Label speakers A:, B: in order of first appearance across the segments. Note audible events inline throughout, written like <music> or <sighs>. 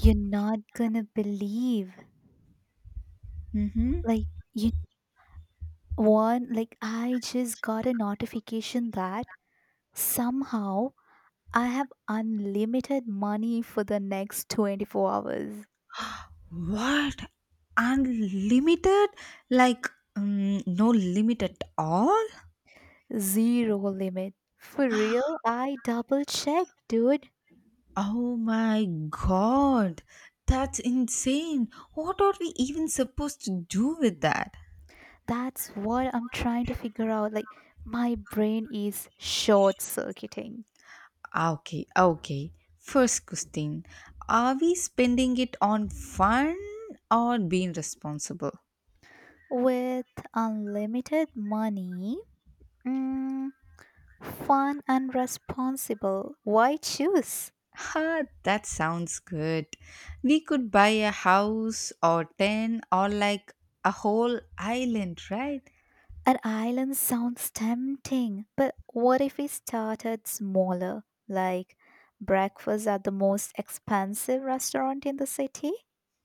A: You're not gonna believe.
B: Mm-hmm.
A: Like, you like, I just got a notification that somehow I have unlimited money for the next 24 hours.
B: What? Unlimited? Like, no limit at all?
A: Zero limit. For real? I
B: <gasps>
A: double checked, dude.
B: Oh my god. That's insane. What are we even supposed to do with that?
A: That's what I'm trying to figure out. Like, my brain is short circuiting.
B: Okay, okay. First question. Are we spending it on fun or being responsible?
A: With unlimited money, mm, fun and responsible. Why choose?
B: Ha, that sounds good. We could buy a house or 10 or like a whole island, right?
A: An island sounds tempting, but what if we started smaller, like breakfast at the most expensive restaurant in the city?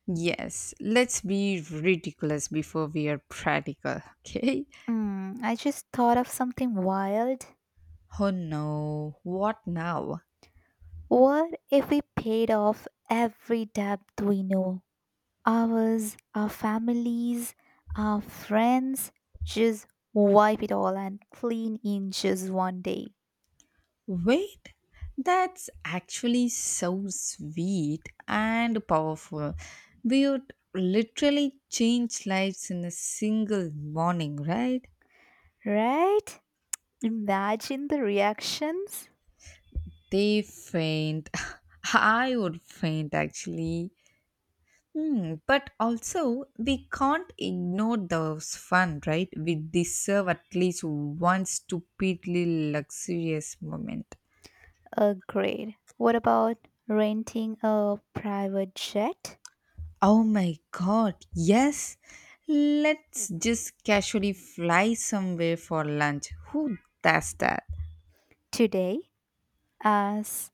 B: Yes, let's be ridiculous before we are practical, <laughs> okay?
A: Hmm. I just thought of something wild.
B: Oh no, what now?
A: What if we paid off every debt we know? Ours, our families, our friends, just wipe it all and clean in just one day,
B: Wait, that's actually so sweet and powerful. We would literally change lives in a single morning, right?
A: right? Imagine the reactions.
B: They faint. <laughs> I would faint actually. But also, we can't ignore the fun, right? We deserve at least one stupidly luxurious moment.
A: Agreed. What about renting a private jet
B: Oh my god, yes! Let's just casually fly somewhere for lunch. Who does that?
A: today? As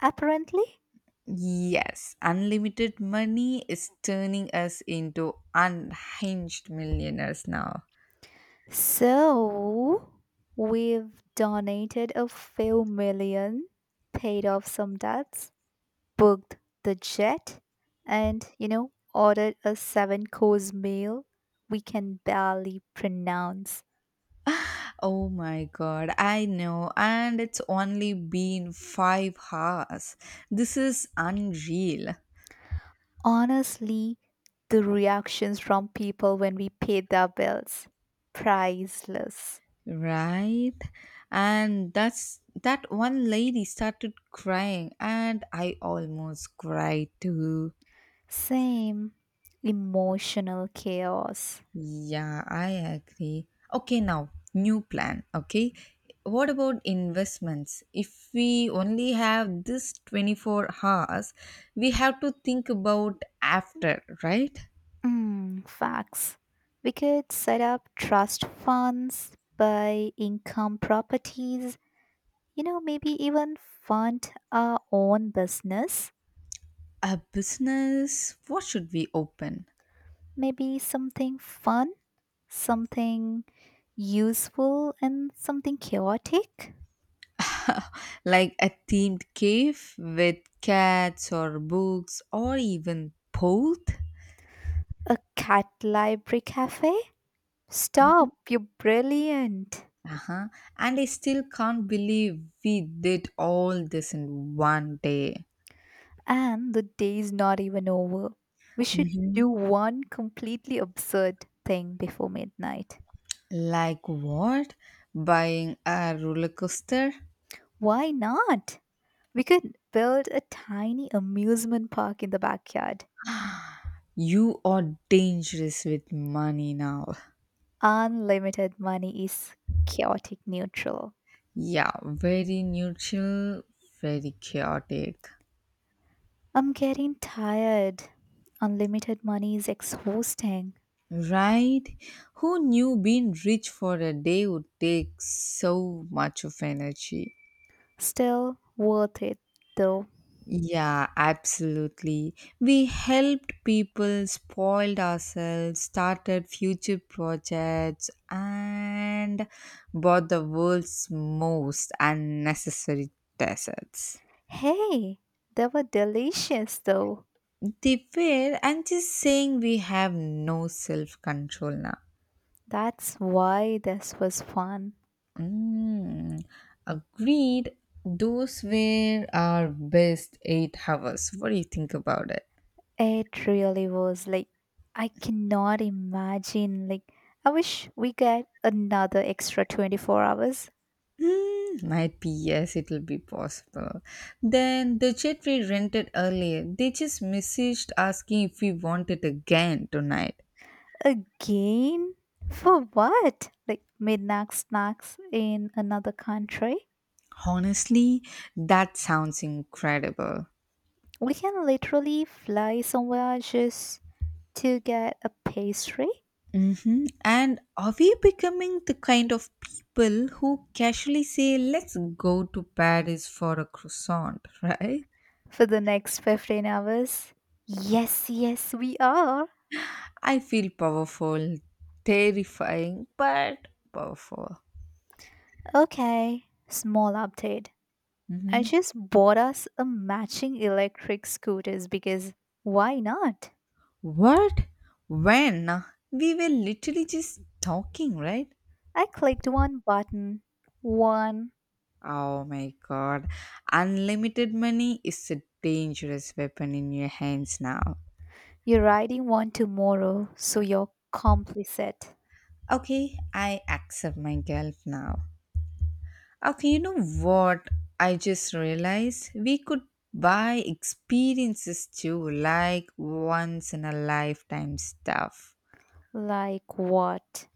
A: apparently.
B: Yes, unlimited money is turning us into unhinged millionaires now.
A: So, we've donated a few million, paid off some debts, booked the jet, and, you know, ordered a seven course meal we can barely pronounce.
B: Oh my god, I know, and it's only been 5 hours. This is unreal,
A: Honestly, the reactions from people when we paid their bills priceless.
B: right? And that one lady started crying, and I almost cried too.
A: Same. Emotional chaos.
B: Yeah, I agree. Okay, now new plan. Okay, what about investments? If we only have this 24 hours, we have to think about after, right?
A: Mm, facts. We could set up trust funds, buy income properties, you know, maybe even fund our own business.
B: A business? What should we open?
A: Maybe something fun, something useful, and something chaotic.
B: <laughs> Like a themed cave with cats or books or even both?
A: A cat library cafe?
B: Mhm.
A: Stop, you're brilliant.
B: Uh-huh. And I still can't believe we did all this in one day.
A: And the day's not even over. We should
B: hmm
A: do one completely absurd thing before midnight.
B: Like what? Buying a roller coaster?
A: Why not? We could build a tiny amusement park in the backyard.
B: You are dangerous with money now.
A: Unlimited money is chaotic neutral.
B: Yeah, very neutral, very chaotic.
A: I'm getting tired. Unlimited money is exhausting.
B: Right? Who knew being rich for a day would take so much of energy?
A: Still worth it though.
B: Yeah, absolutely. We helped people, spoiled ourselves, started future projects, and bought the world's most unnecessary deserts.
A: Hey, they were delicious though.
B: They were, I'm just saying, we have no self control now.
A: That's why this was fun.
B: Mm, Agreed. Those were our best 8 hours. What do you think about it?
A: It really was like I cannot imagine like I wish we get another extra 24 hours
B: Might be yes, it'll be possible. Then the jet we rented earlier, they just messaged asking if we want it again tonight.
A: again for what? Like midnight snacks in another country?
B: Honestly, that sounds incredible.
A: We can literally fly somewhere just to get a pastry
B: Mm-hmm. And are we becoming the kind of people who casually say, let's go to Paris for a croissant, <laughs> right?
A: for the next 15 hours. Yes, yes, we are.
B: I feel powerful, terrifying, but powerful.
A: Okay, small update. I
B: hmm
A: just bought us a matching electric scooters because why not?
B: What? When? We were literally just talking, right?
A: I clicked one button. One.
B: Oh my god. Unlimited money is a dangerous weapon in your hands now.
A: You're riding one tomorrow, so you're complicit.
B: Okay, I accept my guilt now. Okay, you know what? I just realized we could buy experiences too, like once in a lifetime stuff.
A: Like what?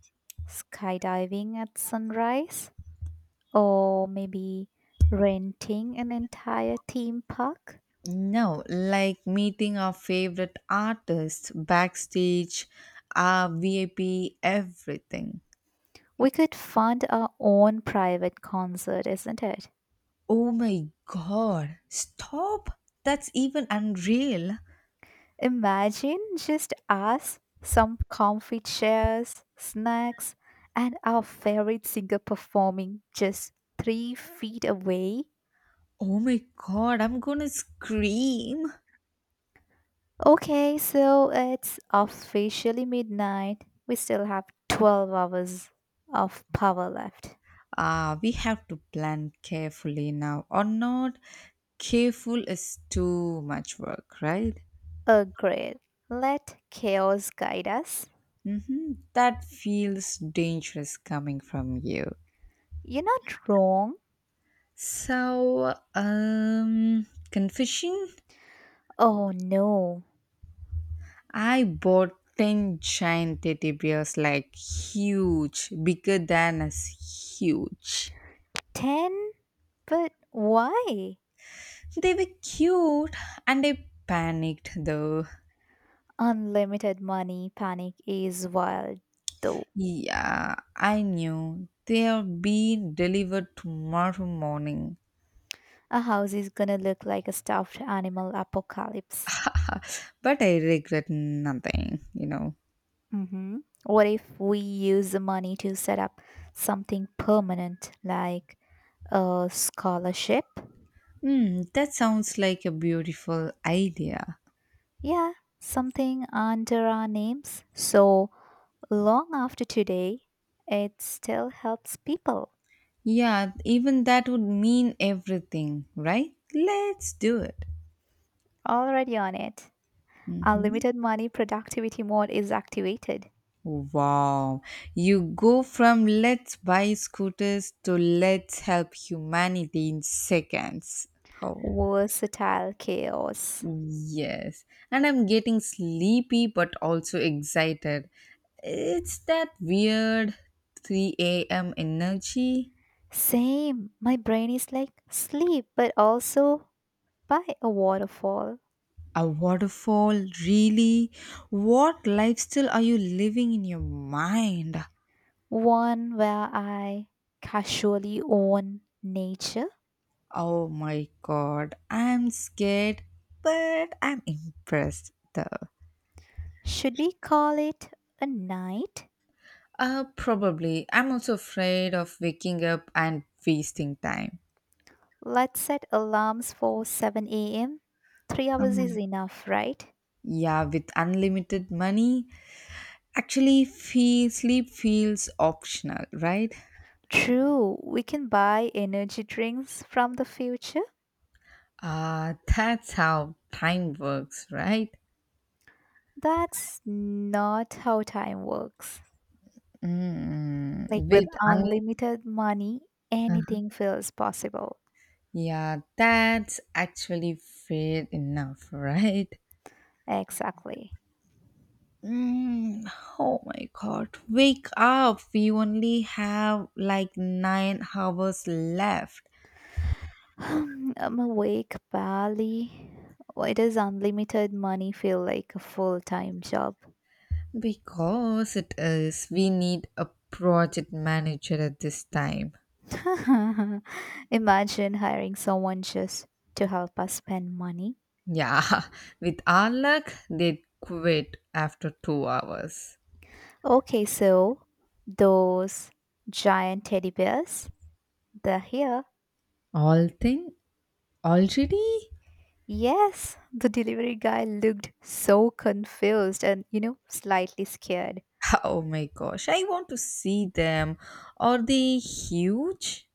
A: Skydiving at sunrise? Or maybe renting an entire theme park?
B: No, like meeting our favorite artists, backstage, our VIP, everything.
A: We could fund our own private concert, isn't it?
B: Oh my god, stop! That's even unreal.
A: Imagine just us, some comfy chairs, snacks, and our favorite singer performing just 3 feet away.
B: Oh my god, I'm gonna scream.
A: Okay, so it's officially midnight. We still have 12 hours of power left.
B: We have to plan carefully now, or not. Careful is too much work, right?
A: Agreed. Let chaos guide us.
B: Mm-hmm. That feels dangerous coming from you.
A: You're not wrong.
B: So, confession?
A: Oh no.
B: I bought 10 giant teddy bears, like huge, bigger than us, huge.
A: 10? But why?
B: They were cute and I panicked though.
A: Unlimited money panic is wild though.
B: Yeah, I knew they are being delivered tomorrow morning,
A: A house is gonna look like a stuffed animal apocalypse.
B: <laughs> but I regret nothing, you know.
A: Hmm. What if we use the money to set up something permanent, like a scholarship?
B: That sounds like a beautiful idea.
A: Yeah, something under our names. So long after today, it still helps people.
B: Yeah, even that would mean everything, right? Let's do it.
A: Already on it.
B: Mhm.
A: Unlimited money productivity mode is activated.
B: Wow. You go from let's buy scooters to let's help humanity in seconds. Oh
A: Versatile chaos.
B: yes. And I'm getting sleepy but also excited. It's that weird 3 a.m. energy.
A: Same. My brain is like sleep, but also by a waterfall,
B: A waterfall, really? What lifestyle are you living in your mind?
A: one where I casually own nature.
B: Oh my god, I'm scared, but I'm impressed though.
A: Should we call it a night?
B: Probably. I'm also afraid of waking up and wasting time.
A: Let's set alarms for 7 a.m. 3 hours is
B: Um,
A: enough, right?
B: Yeah, with unlimited money, actually, sleep feels optional, right?
A: True, we can buy energy drinks from the future.
B: That's how time works, right?
A: That's not how time works.
B: Mm,
A: Like with
B: with un-
A: unlimited money,
B: uh,
A: anything feels possible.
B: yeah, that's actually fair enough, <laughs> right?
A: Exactly.
B: Mm, oh my god, wake up! We only have like 9 hours left.
A: <sighs> I'm awake, pally. Why does unlimited money feel like a full time job?
B: Because it is, we need a project manager at this time.
A: <laughs> Imagine hiring someone just to help us spend money.
B: Yeah, <laughs> with our luck, they'd quit after 2 hours.
A: Okay, so those giant teddy bears, they're here.
B: All thing already?
A: Yes, the delivery guy looked so confused and, you know, slightly scared.
B: <laughs> Oh my gosh, I want to see them. Are they huge?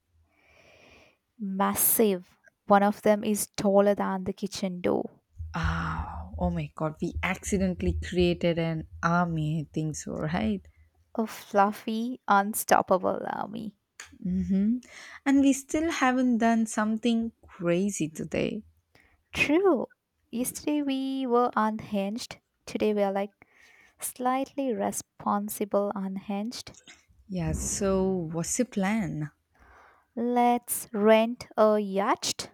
A: Massive. One of them is taller than the kitchen door.
B: Oh, oh my god, we accidentally created an army, I think so, right?
A: A fluffy, unstoppable army.
B: Mm-hmm. And we still haven't done something crazy today.
A: True. Yesterday we were unhinged. Today we are like slightly responsible unhinged.
B: Yeah, so what's the plan?
A: Let's rent a yacht,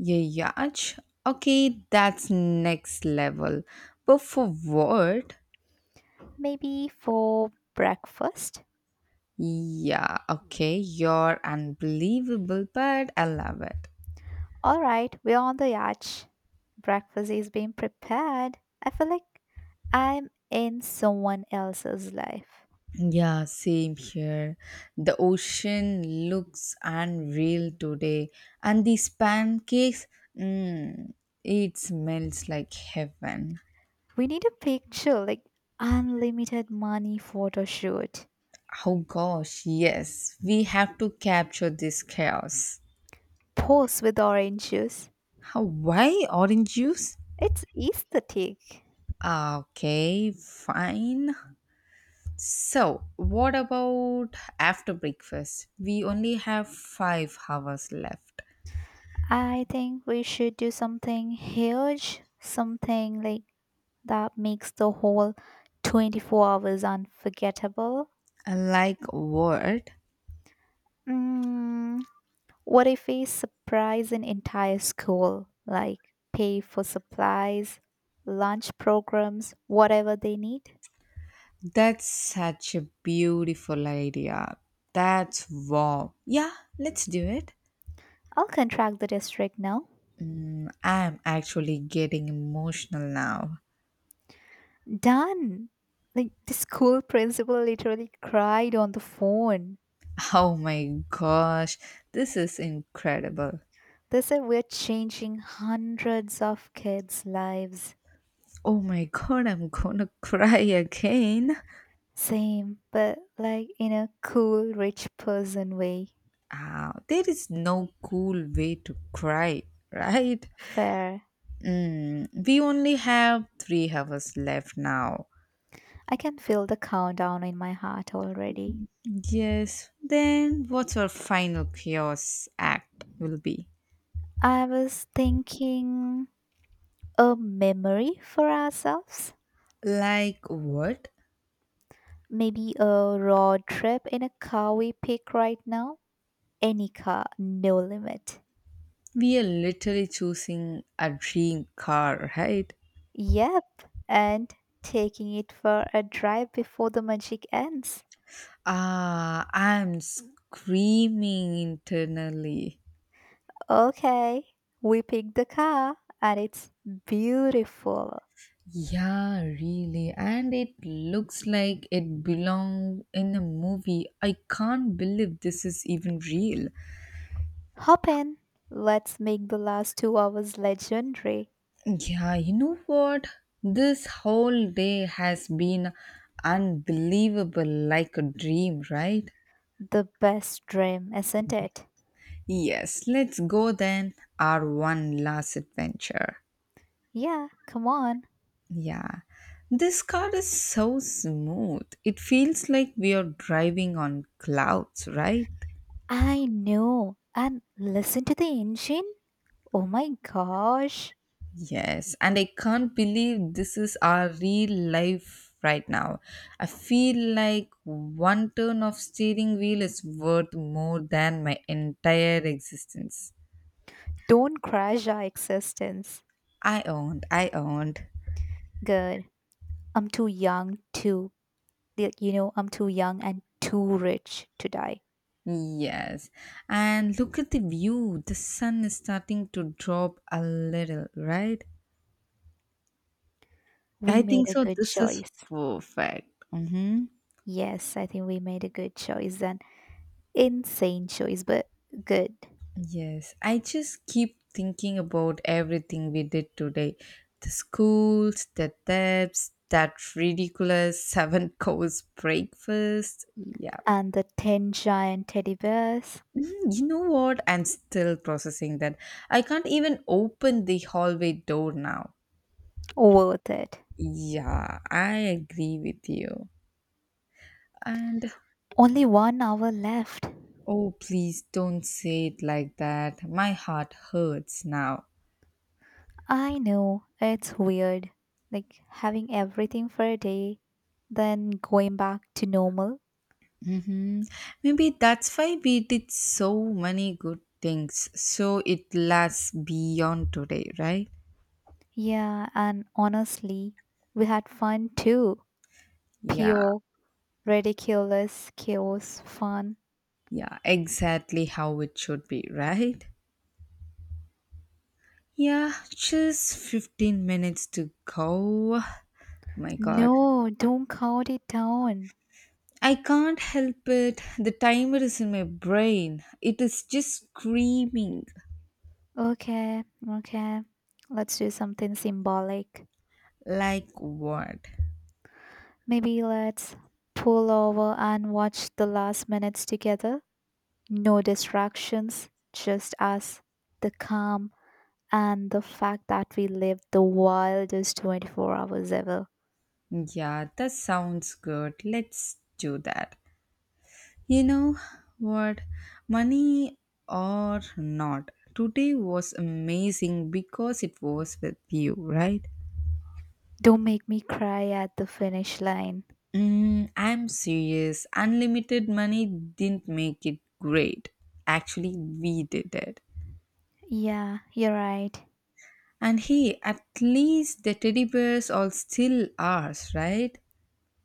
B: Yach. Okay, that's next level. But for what?
A: maybe for breakfast.
B: Yeah, okay, you're unbelievable, but I love it.
A: All right, we're on the yacht. Breakfast is being prepared. I feel like I'm in someone else's life.
B: Yeah, same here. The ocean looks unreal today, and these pancakes, mm, it smells like heaven.
A: We need a picture, like unlimited money photo shoot.
B: Oh gosh, yes, we have to capture this chaos.
A: Pose with orange juice.
B: How, why orange juice?
A: It's aesthetic.
B: Okay, fine. So, what about after breakfast? We only have 5 hours left.
A: I think we should do something huge, something like that makes the whole 24 hours unforgettable.
B: Like what?
A: Mm, what if we surprise an entire school, like pay for supplies, lunch programs, whatever they need?
B: That's such a beautiful idea. That's wow. Yeah, let's do it.
A: I'll contract the district now.
B: I'm actually getting emotional now.
A: Done. Like the school principal literally cried on the phone.
B: <laughs> Oh my gosh, this is incredible.
A: They said we're changing hundreds of kids' lives.
B: Oh my god, I'm gonna <laughs> cry again.
A: Same, but like in a cool, rich person way.
B: There is no cool way to cry, <laughs> right?
A: Fair.
B: We only have 3 hours left now.
A: I can feel the countdown in my heart already.
B: Yes, then what's our final chaos act will be?
A: I was thinking a memory for ourselves.
B: Like what?
A: Maybe a road trip in a car we pick right now. Any car, no limit.
B: We are literally choosing a dream car, right?
A: Yep, and taking it for a drive before the magic ends.
B: I'm screaming internally.
A: Okay, we picked the car and it's beautiful.
B: Yeah, really. And it looks like it belong in a movie. I can't believe this is even real.
A: Hop in. Let's make the last 2 hours legendary.
B: Yeah, you know what? This whole day has been unbelievable, like a dream, right?
A: The best dream, isn't it?
B: Yes, let's go then, our one last adventure.
A: Yeah, come on.
B: Yeah, this car is so smooth. It feels like we are driving on clouds, right?
A: I know. And listen to the engine. Oh my gosh.
B: Yes, and I can't believe this is our real life right now. I feel like one turn of steering wheel is worth more than my entire existence.
A: Don't crash our existence.
B: I owned, I owned.
A: Good. I'm too young to, y- you know, I'm too young and too rich to die.
B: Yes, and look at the view. The sun is starting to drop a little, right?
A: We
B: I
A: made
B: think
A: a
B: so.
A: good
B: This is
A: choice.
B: perfect. Mm-hmm.
A: Yes, I think we made a good choice, an insane choice, but good.
B: Yes, I just keep thinking about everything we did today, the schools, the debts, that ridiculous <laughs> seven course breakfast. Yeah.
A: And the 10 giant teddy bears.
B: You know what? I'm still processing that. I can't even open the hallway door now.
A: Worth it.
B: Yeah, I agree with you. And
A: Only one hour left.
B: oh, please don't say it like that. My heart hurts now.
A: I know, it's weird. Like having everything for a day, then going back to normal.
B: Mm-hmm. Maybe that's why we did so many good things. So it lasts beyond today, right?
A: Yeah, and honestly, we had fun too.
B: Yeah,
A: Pure, ridiculous, chaos, fun.
B: yeah, exactly how it should be, right? Yeah, just 15 minutes to go. My god.
A: No, don't count it down.
B: I can't help it. The timer is in my brain. It is just screaming.
A: Okay, okay. Let's do something symbolic.
B: Like what?
A: Maybe let's pull over and watch the last minutes together. No distractions, just us, the calm, and the fact that we lived the wildest 24 hours ever.
B: Yeah, that sounds good. Let's do that. You know what? Money or not, today was amazing because it was with you, right?
A: Don't make me cry at the finish line.
B: I'm serious. Unlimited money didn't make it great. Actually, we did it.
A: Yeah, you're right.
B: And hey, at least the teddy bears are still ours, right?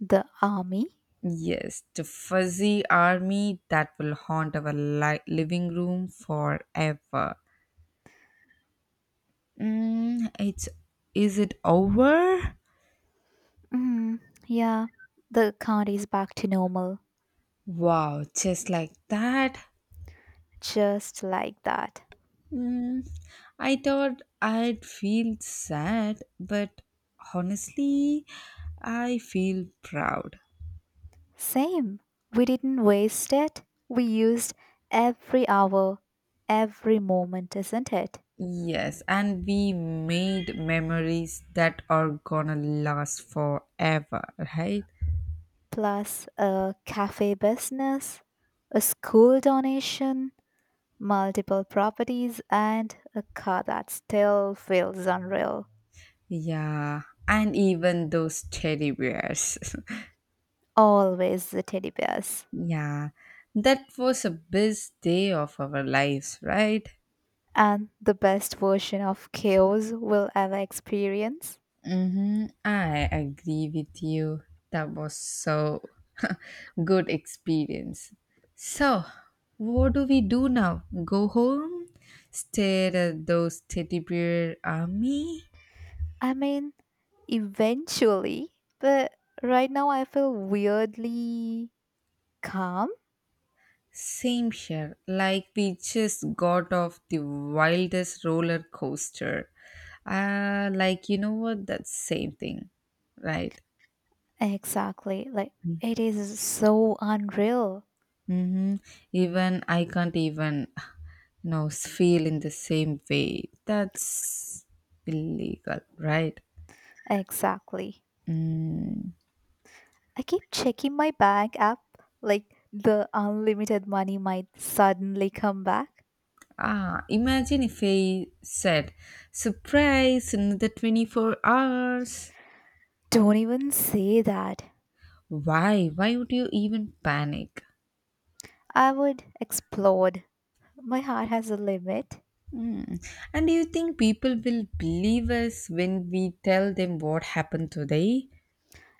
A: The army?
B: Yes, the fuzzy army that will haunt our living room forever. Mm, it's is it over?
A: Mm, yeah, the count is back to normal.
B: Wow, just like that?
A: Just like that.
B: Mm, I thought I'd feel sad, but honestly, I feel proud.
A: Same. We didn't waste it. We used every hour, every moment, isn't it?
B: Yes, and we made memories that are gonna last forever, right?
A: Plus a cafe business, a school donation, multiple properties, and a car that still feels unreal.
B: Yeah, and even those teddy bears. <laughs>
A: Always the teddy bears.
B: Yeah, that was a best day of our lives, right?
A: And the best version of chaos we'll ever experience.
B: Mm-hmm. I agree with you. That was so <laughs> good experience. So, what do we do now? Go home, stare at those teddy bear army.
A: I mean, eventually, but right now I feel weirdly calm.
B: Same here. Like we just got off the wildest roller coaster. Like you know what? That's same thing, right?
A: Exactly. Like, it is so unreal.
B: Mm-hmm. Even I can't even, you know, feel in the same way. That's illegal, right?
A: Exactly.
B: Mm.
A: I keep checking my bank app like the unlimited money might suddenly come back.
B: Imagine if I said, surprise, another 24 hours.
A: Don't even say that.
B: Why? Why would you even panic?
A: I would explode. My heart has a limit.
B: Mm. And do you think people will believe us when we tell them what happened today?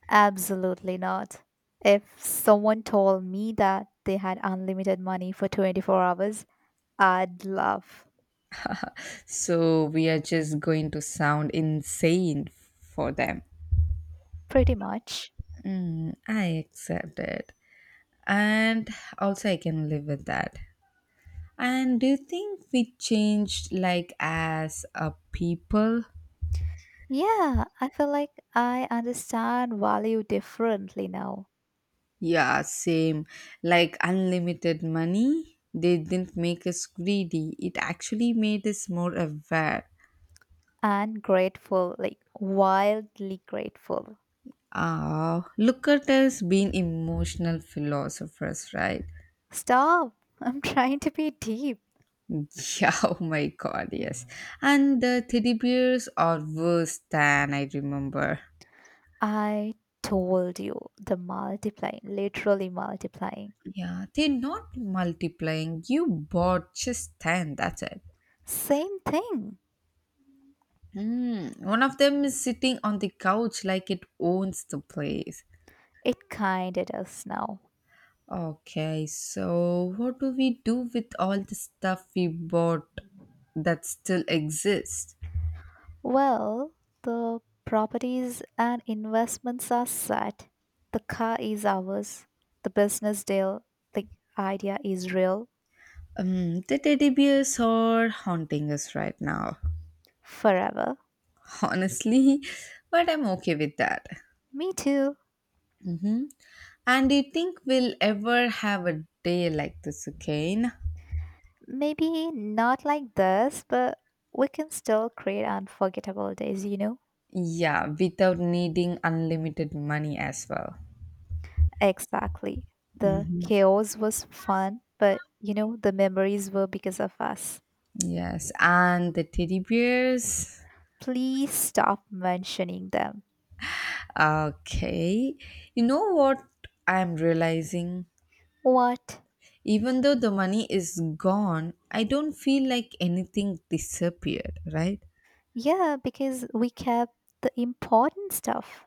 A: Absolutely not. If someone told me that they had unlimited money for 24 hours, I'd laugh.
B: So we are just going to sound insane for them.
A: Pretty much.
B: I accept it. And also, I can live with that. And do you think we changed like as a people?
A: Yeah, I feel like I understand value differently now
B: Yeah, same. Like unlimited money, they didn't make us greedy. It actually made us more aware.
A: and grateful, like wildly grateful.
B: Look at us being emotional philosophers, right?
A: Stop! I'm trying to be deep.
B: Yeah, <laughs> oh my god, yes. And the teddy bears are worse than I remember.
A: I told you the multiplying, literally multiplying.
B: Yeah, they're not multiplying. You bought just 10, that's it.
A: Same thing.
B: Hmm. One of them is sitting on the couch like it owns the place.
A: It kinda does now.
B: Okay, so what do we do with all the stuff we bought that still exists?
A: Well, the properties and investments are set. The car is ours. The business deal, the idea is real.
B: The teddy bears are haunting us right now,
A: Forever.
B: <laughs> honestly, but I'm okay with that.
A: Me too.
B: Mm-hmm. And do you think we'll ever have a day like this again?
A: Maybe not like this, but we can still create unforgettable days, you know?
B: Yeah, without needing unlimited money as well.
A: Exactly. The
B: hmm
A: chaos was fun, but you know, the memories were because of us.
B: Yes, and the teddy bears.
A: Please stop mentioning them.
B: Okay. You know what I'm realizing?
A: What?
B: Even though the money is gone, I don't feel like anything disappeared, right?
A: Yeah, because we kept the important stuff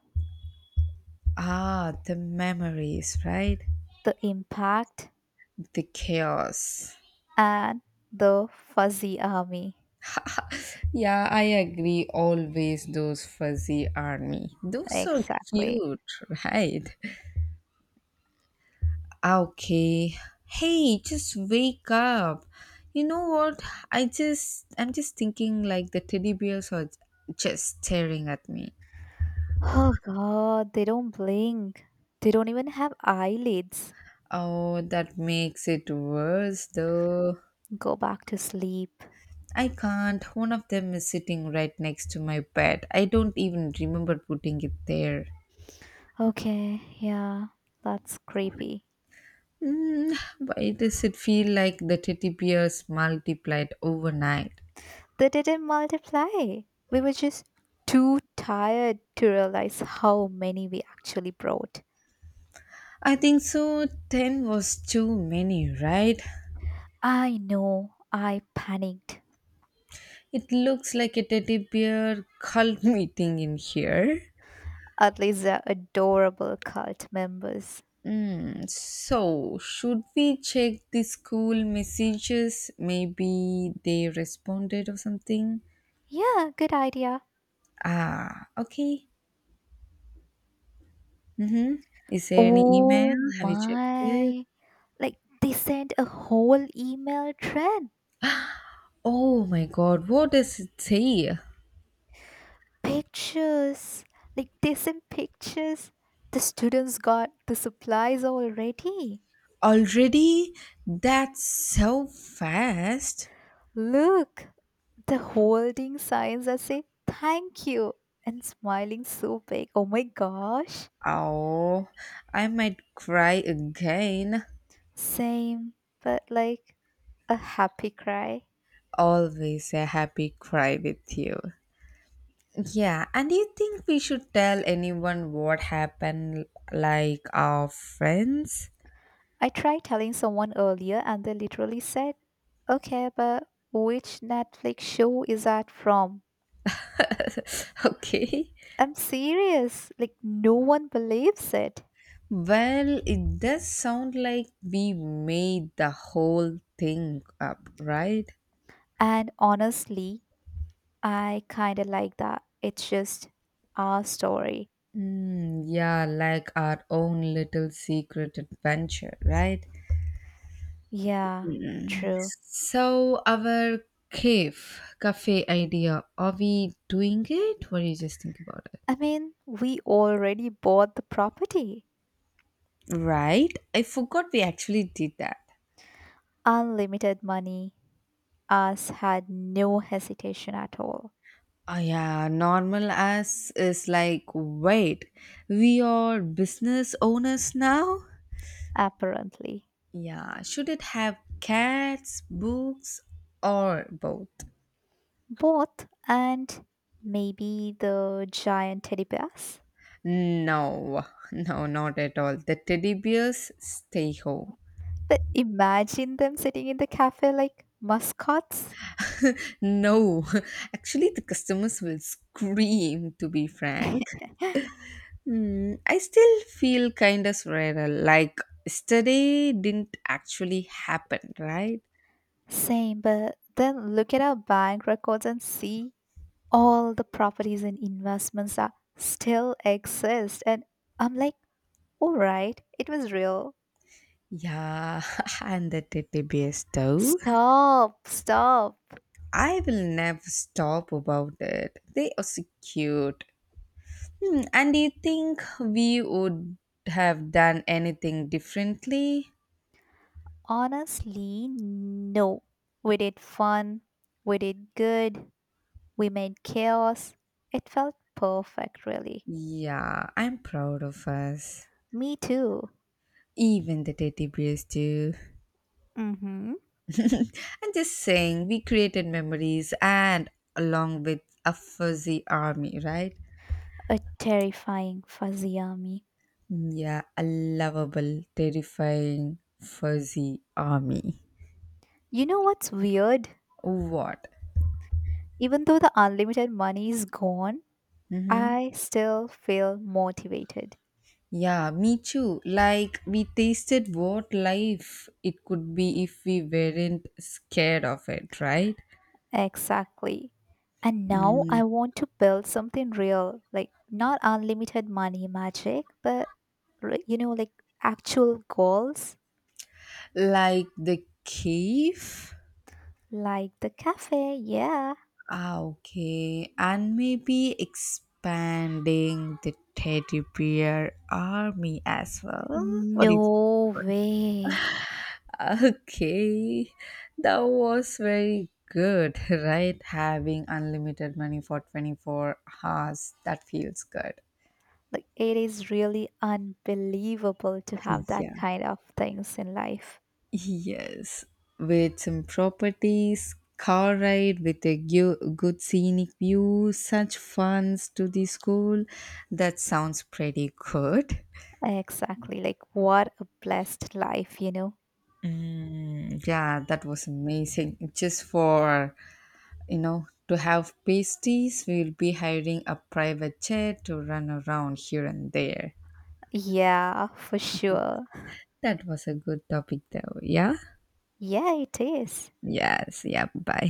B: The memories, right?
A: the impact
B: The chaos.
A: and the fuzzy army.
B: Yeah, I agree. Always those fuzzy army. Those are
A: Exactly.
B: cute, <laughs> right? Okay. Hey, just wake up. You know what? I'm just thinking like the teddy bears are just staring at me.
A: Oh god, they don't blink. They don't even have eyelids.
B: Oh, that makes it worse though.
A: Go back to sleep.
B: I can't. One of them is sitting right next to my bed. I don't even remember putting it there.
A: Okay, yeah, that's creepy.
B: Why does it feel like the teddy bears multiplied overnight?
A: They didn't multiply. We were just too tired to realize how many we actually brought.
B: I think so. 10 was too many, right?
A: I know, I panicked.
B: It looks like a teddy bear cult <laughs> meeting in here.
A: At least they're adorable cult members.
B: So, should we check the school messages? Maybe they responded or something?
A: Yeah, good idea.
B: Okay. Mm-hmm. Is there any
A: Oh
B: email? Have you checked it?
A: my. Like, they sent a whole email thread.
B: Oh my god, what does it say?
A: Pictures. Like, they sent pictures. The students got the supplies already.
B: Already? That's so fast.
A: Look, the holding signs that say thank you and smiling so big. Oh my gosh.
B: Oh, I might cry again.
A: Same, but like a happy cry.
B: Always a happy cry with you. Yeah, and do you think we should tell anyone what happened, like our friends?
A: I tried telling someone earlier and they literally said, okay, but which Netflix show is that from?
B: <laughs> Okay.
A: I'm serious. Like, no one believes it.
B: Well, it does sound like we made the whole thing up, right?
A: And honestly, I kind of like that. It's just our story.
B: Yeah, like our own little secret adventure, right?
A: Yeah, true.
B: So, our cave, cafe idea, are we doing it? What do you just think about it?
A: I mean, we already bought the property.
B: Right? I forgot we actually did that.
A: Unlimited money. Us had no hesitation at all,
B: Yeah, normal as is like, wait, we are business owners now?
A: apparently.
B: Yeah, should it have cats, books, or both?
A: Both and maybe the giant teddy bears.
B: No, <laughs> no, not at all. The teddy bears stay home.
A: But imagine them sitting in the cafe like mascots.
B: <laughs> No, actually, the customers will scream, to be frank.
A: <laughs>
B: I still feel kind of surreal, like yesterday didn't actually happen, right?
A: Same, but then look at our bank records and see all the properties and investments that still exist. And I'm like, all right, it was real.
B: Yeah, <laughs> and the teddy bear too.
A: Stop, stop.
B: I will never stop about it. They are so cute. And do you think we would have done anything differently?
A: Honestly, no. We did fun, we did good, we made chaos. It felt perfect, really.
B: Yeah, I'm proud of us.
A: Me too.
B: Even the teddy bears too.
A: Mm-hmm.
B: <laughs> I'm just saying, we created memories and along with a fuzzy army, right?
A: A terrifying fuzzy army.
B: Yeah, a lovable, terrifying, fuzzy army.
A: You know what's weird?
B: What?
A: Even though the unlimited money is gone,
B: Mm-hmm.
A: I still feel motivated.
B: Yeah, me too. Like, we tasted what life it could be if we weren't scared of it, right?
A: Exactly. And now
B: Mm,
A: I want to build something real, like not unlimited money magic, but like actual goals,
B: like the cave.
A: like the cafe. Yeah.
B: Okay. And maybe expanding the teddy bear army as well. What do you think
A: No
B: about
A: way.
B: it? Okay. That was very good, <laughs> right? Having unlimited money for 24 hours. That feels good.
A: Like it is really unbelievable to have that
B: Yeah.
A: kind of things in life.
B: Yes, with some properties, car ride with a good scenic view, such funds to the school. That sounds pretty good.
A: Exactly. Like what a blessed life, you know?
B: Yeah, that was amazing. Just for, you know, to have pasties, we'll be hiring a private jet to run around here and there.
A: Yeah, for sure.
B: That was a good topic, though. Yeah?
A: Yeah, it is.
B: Yes, yeah, bye.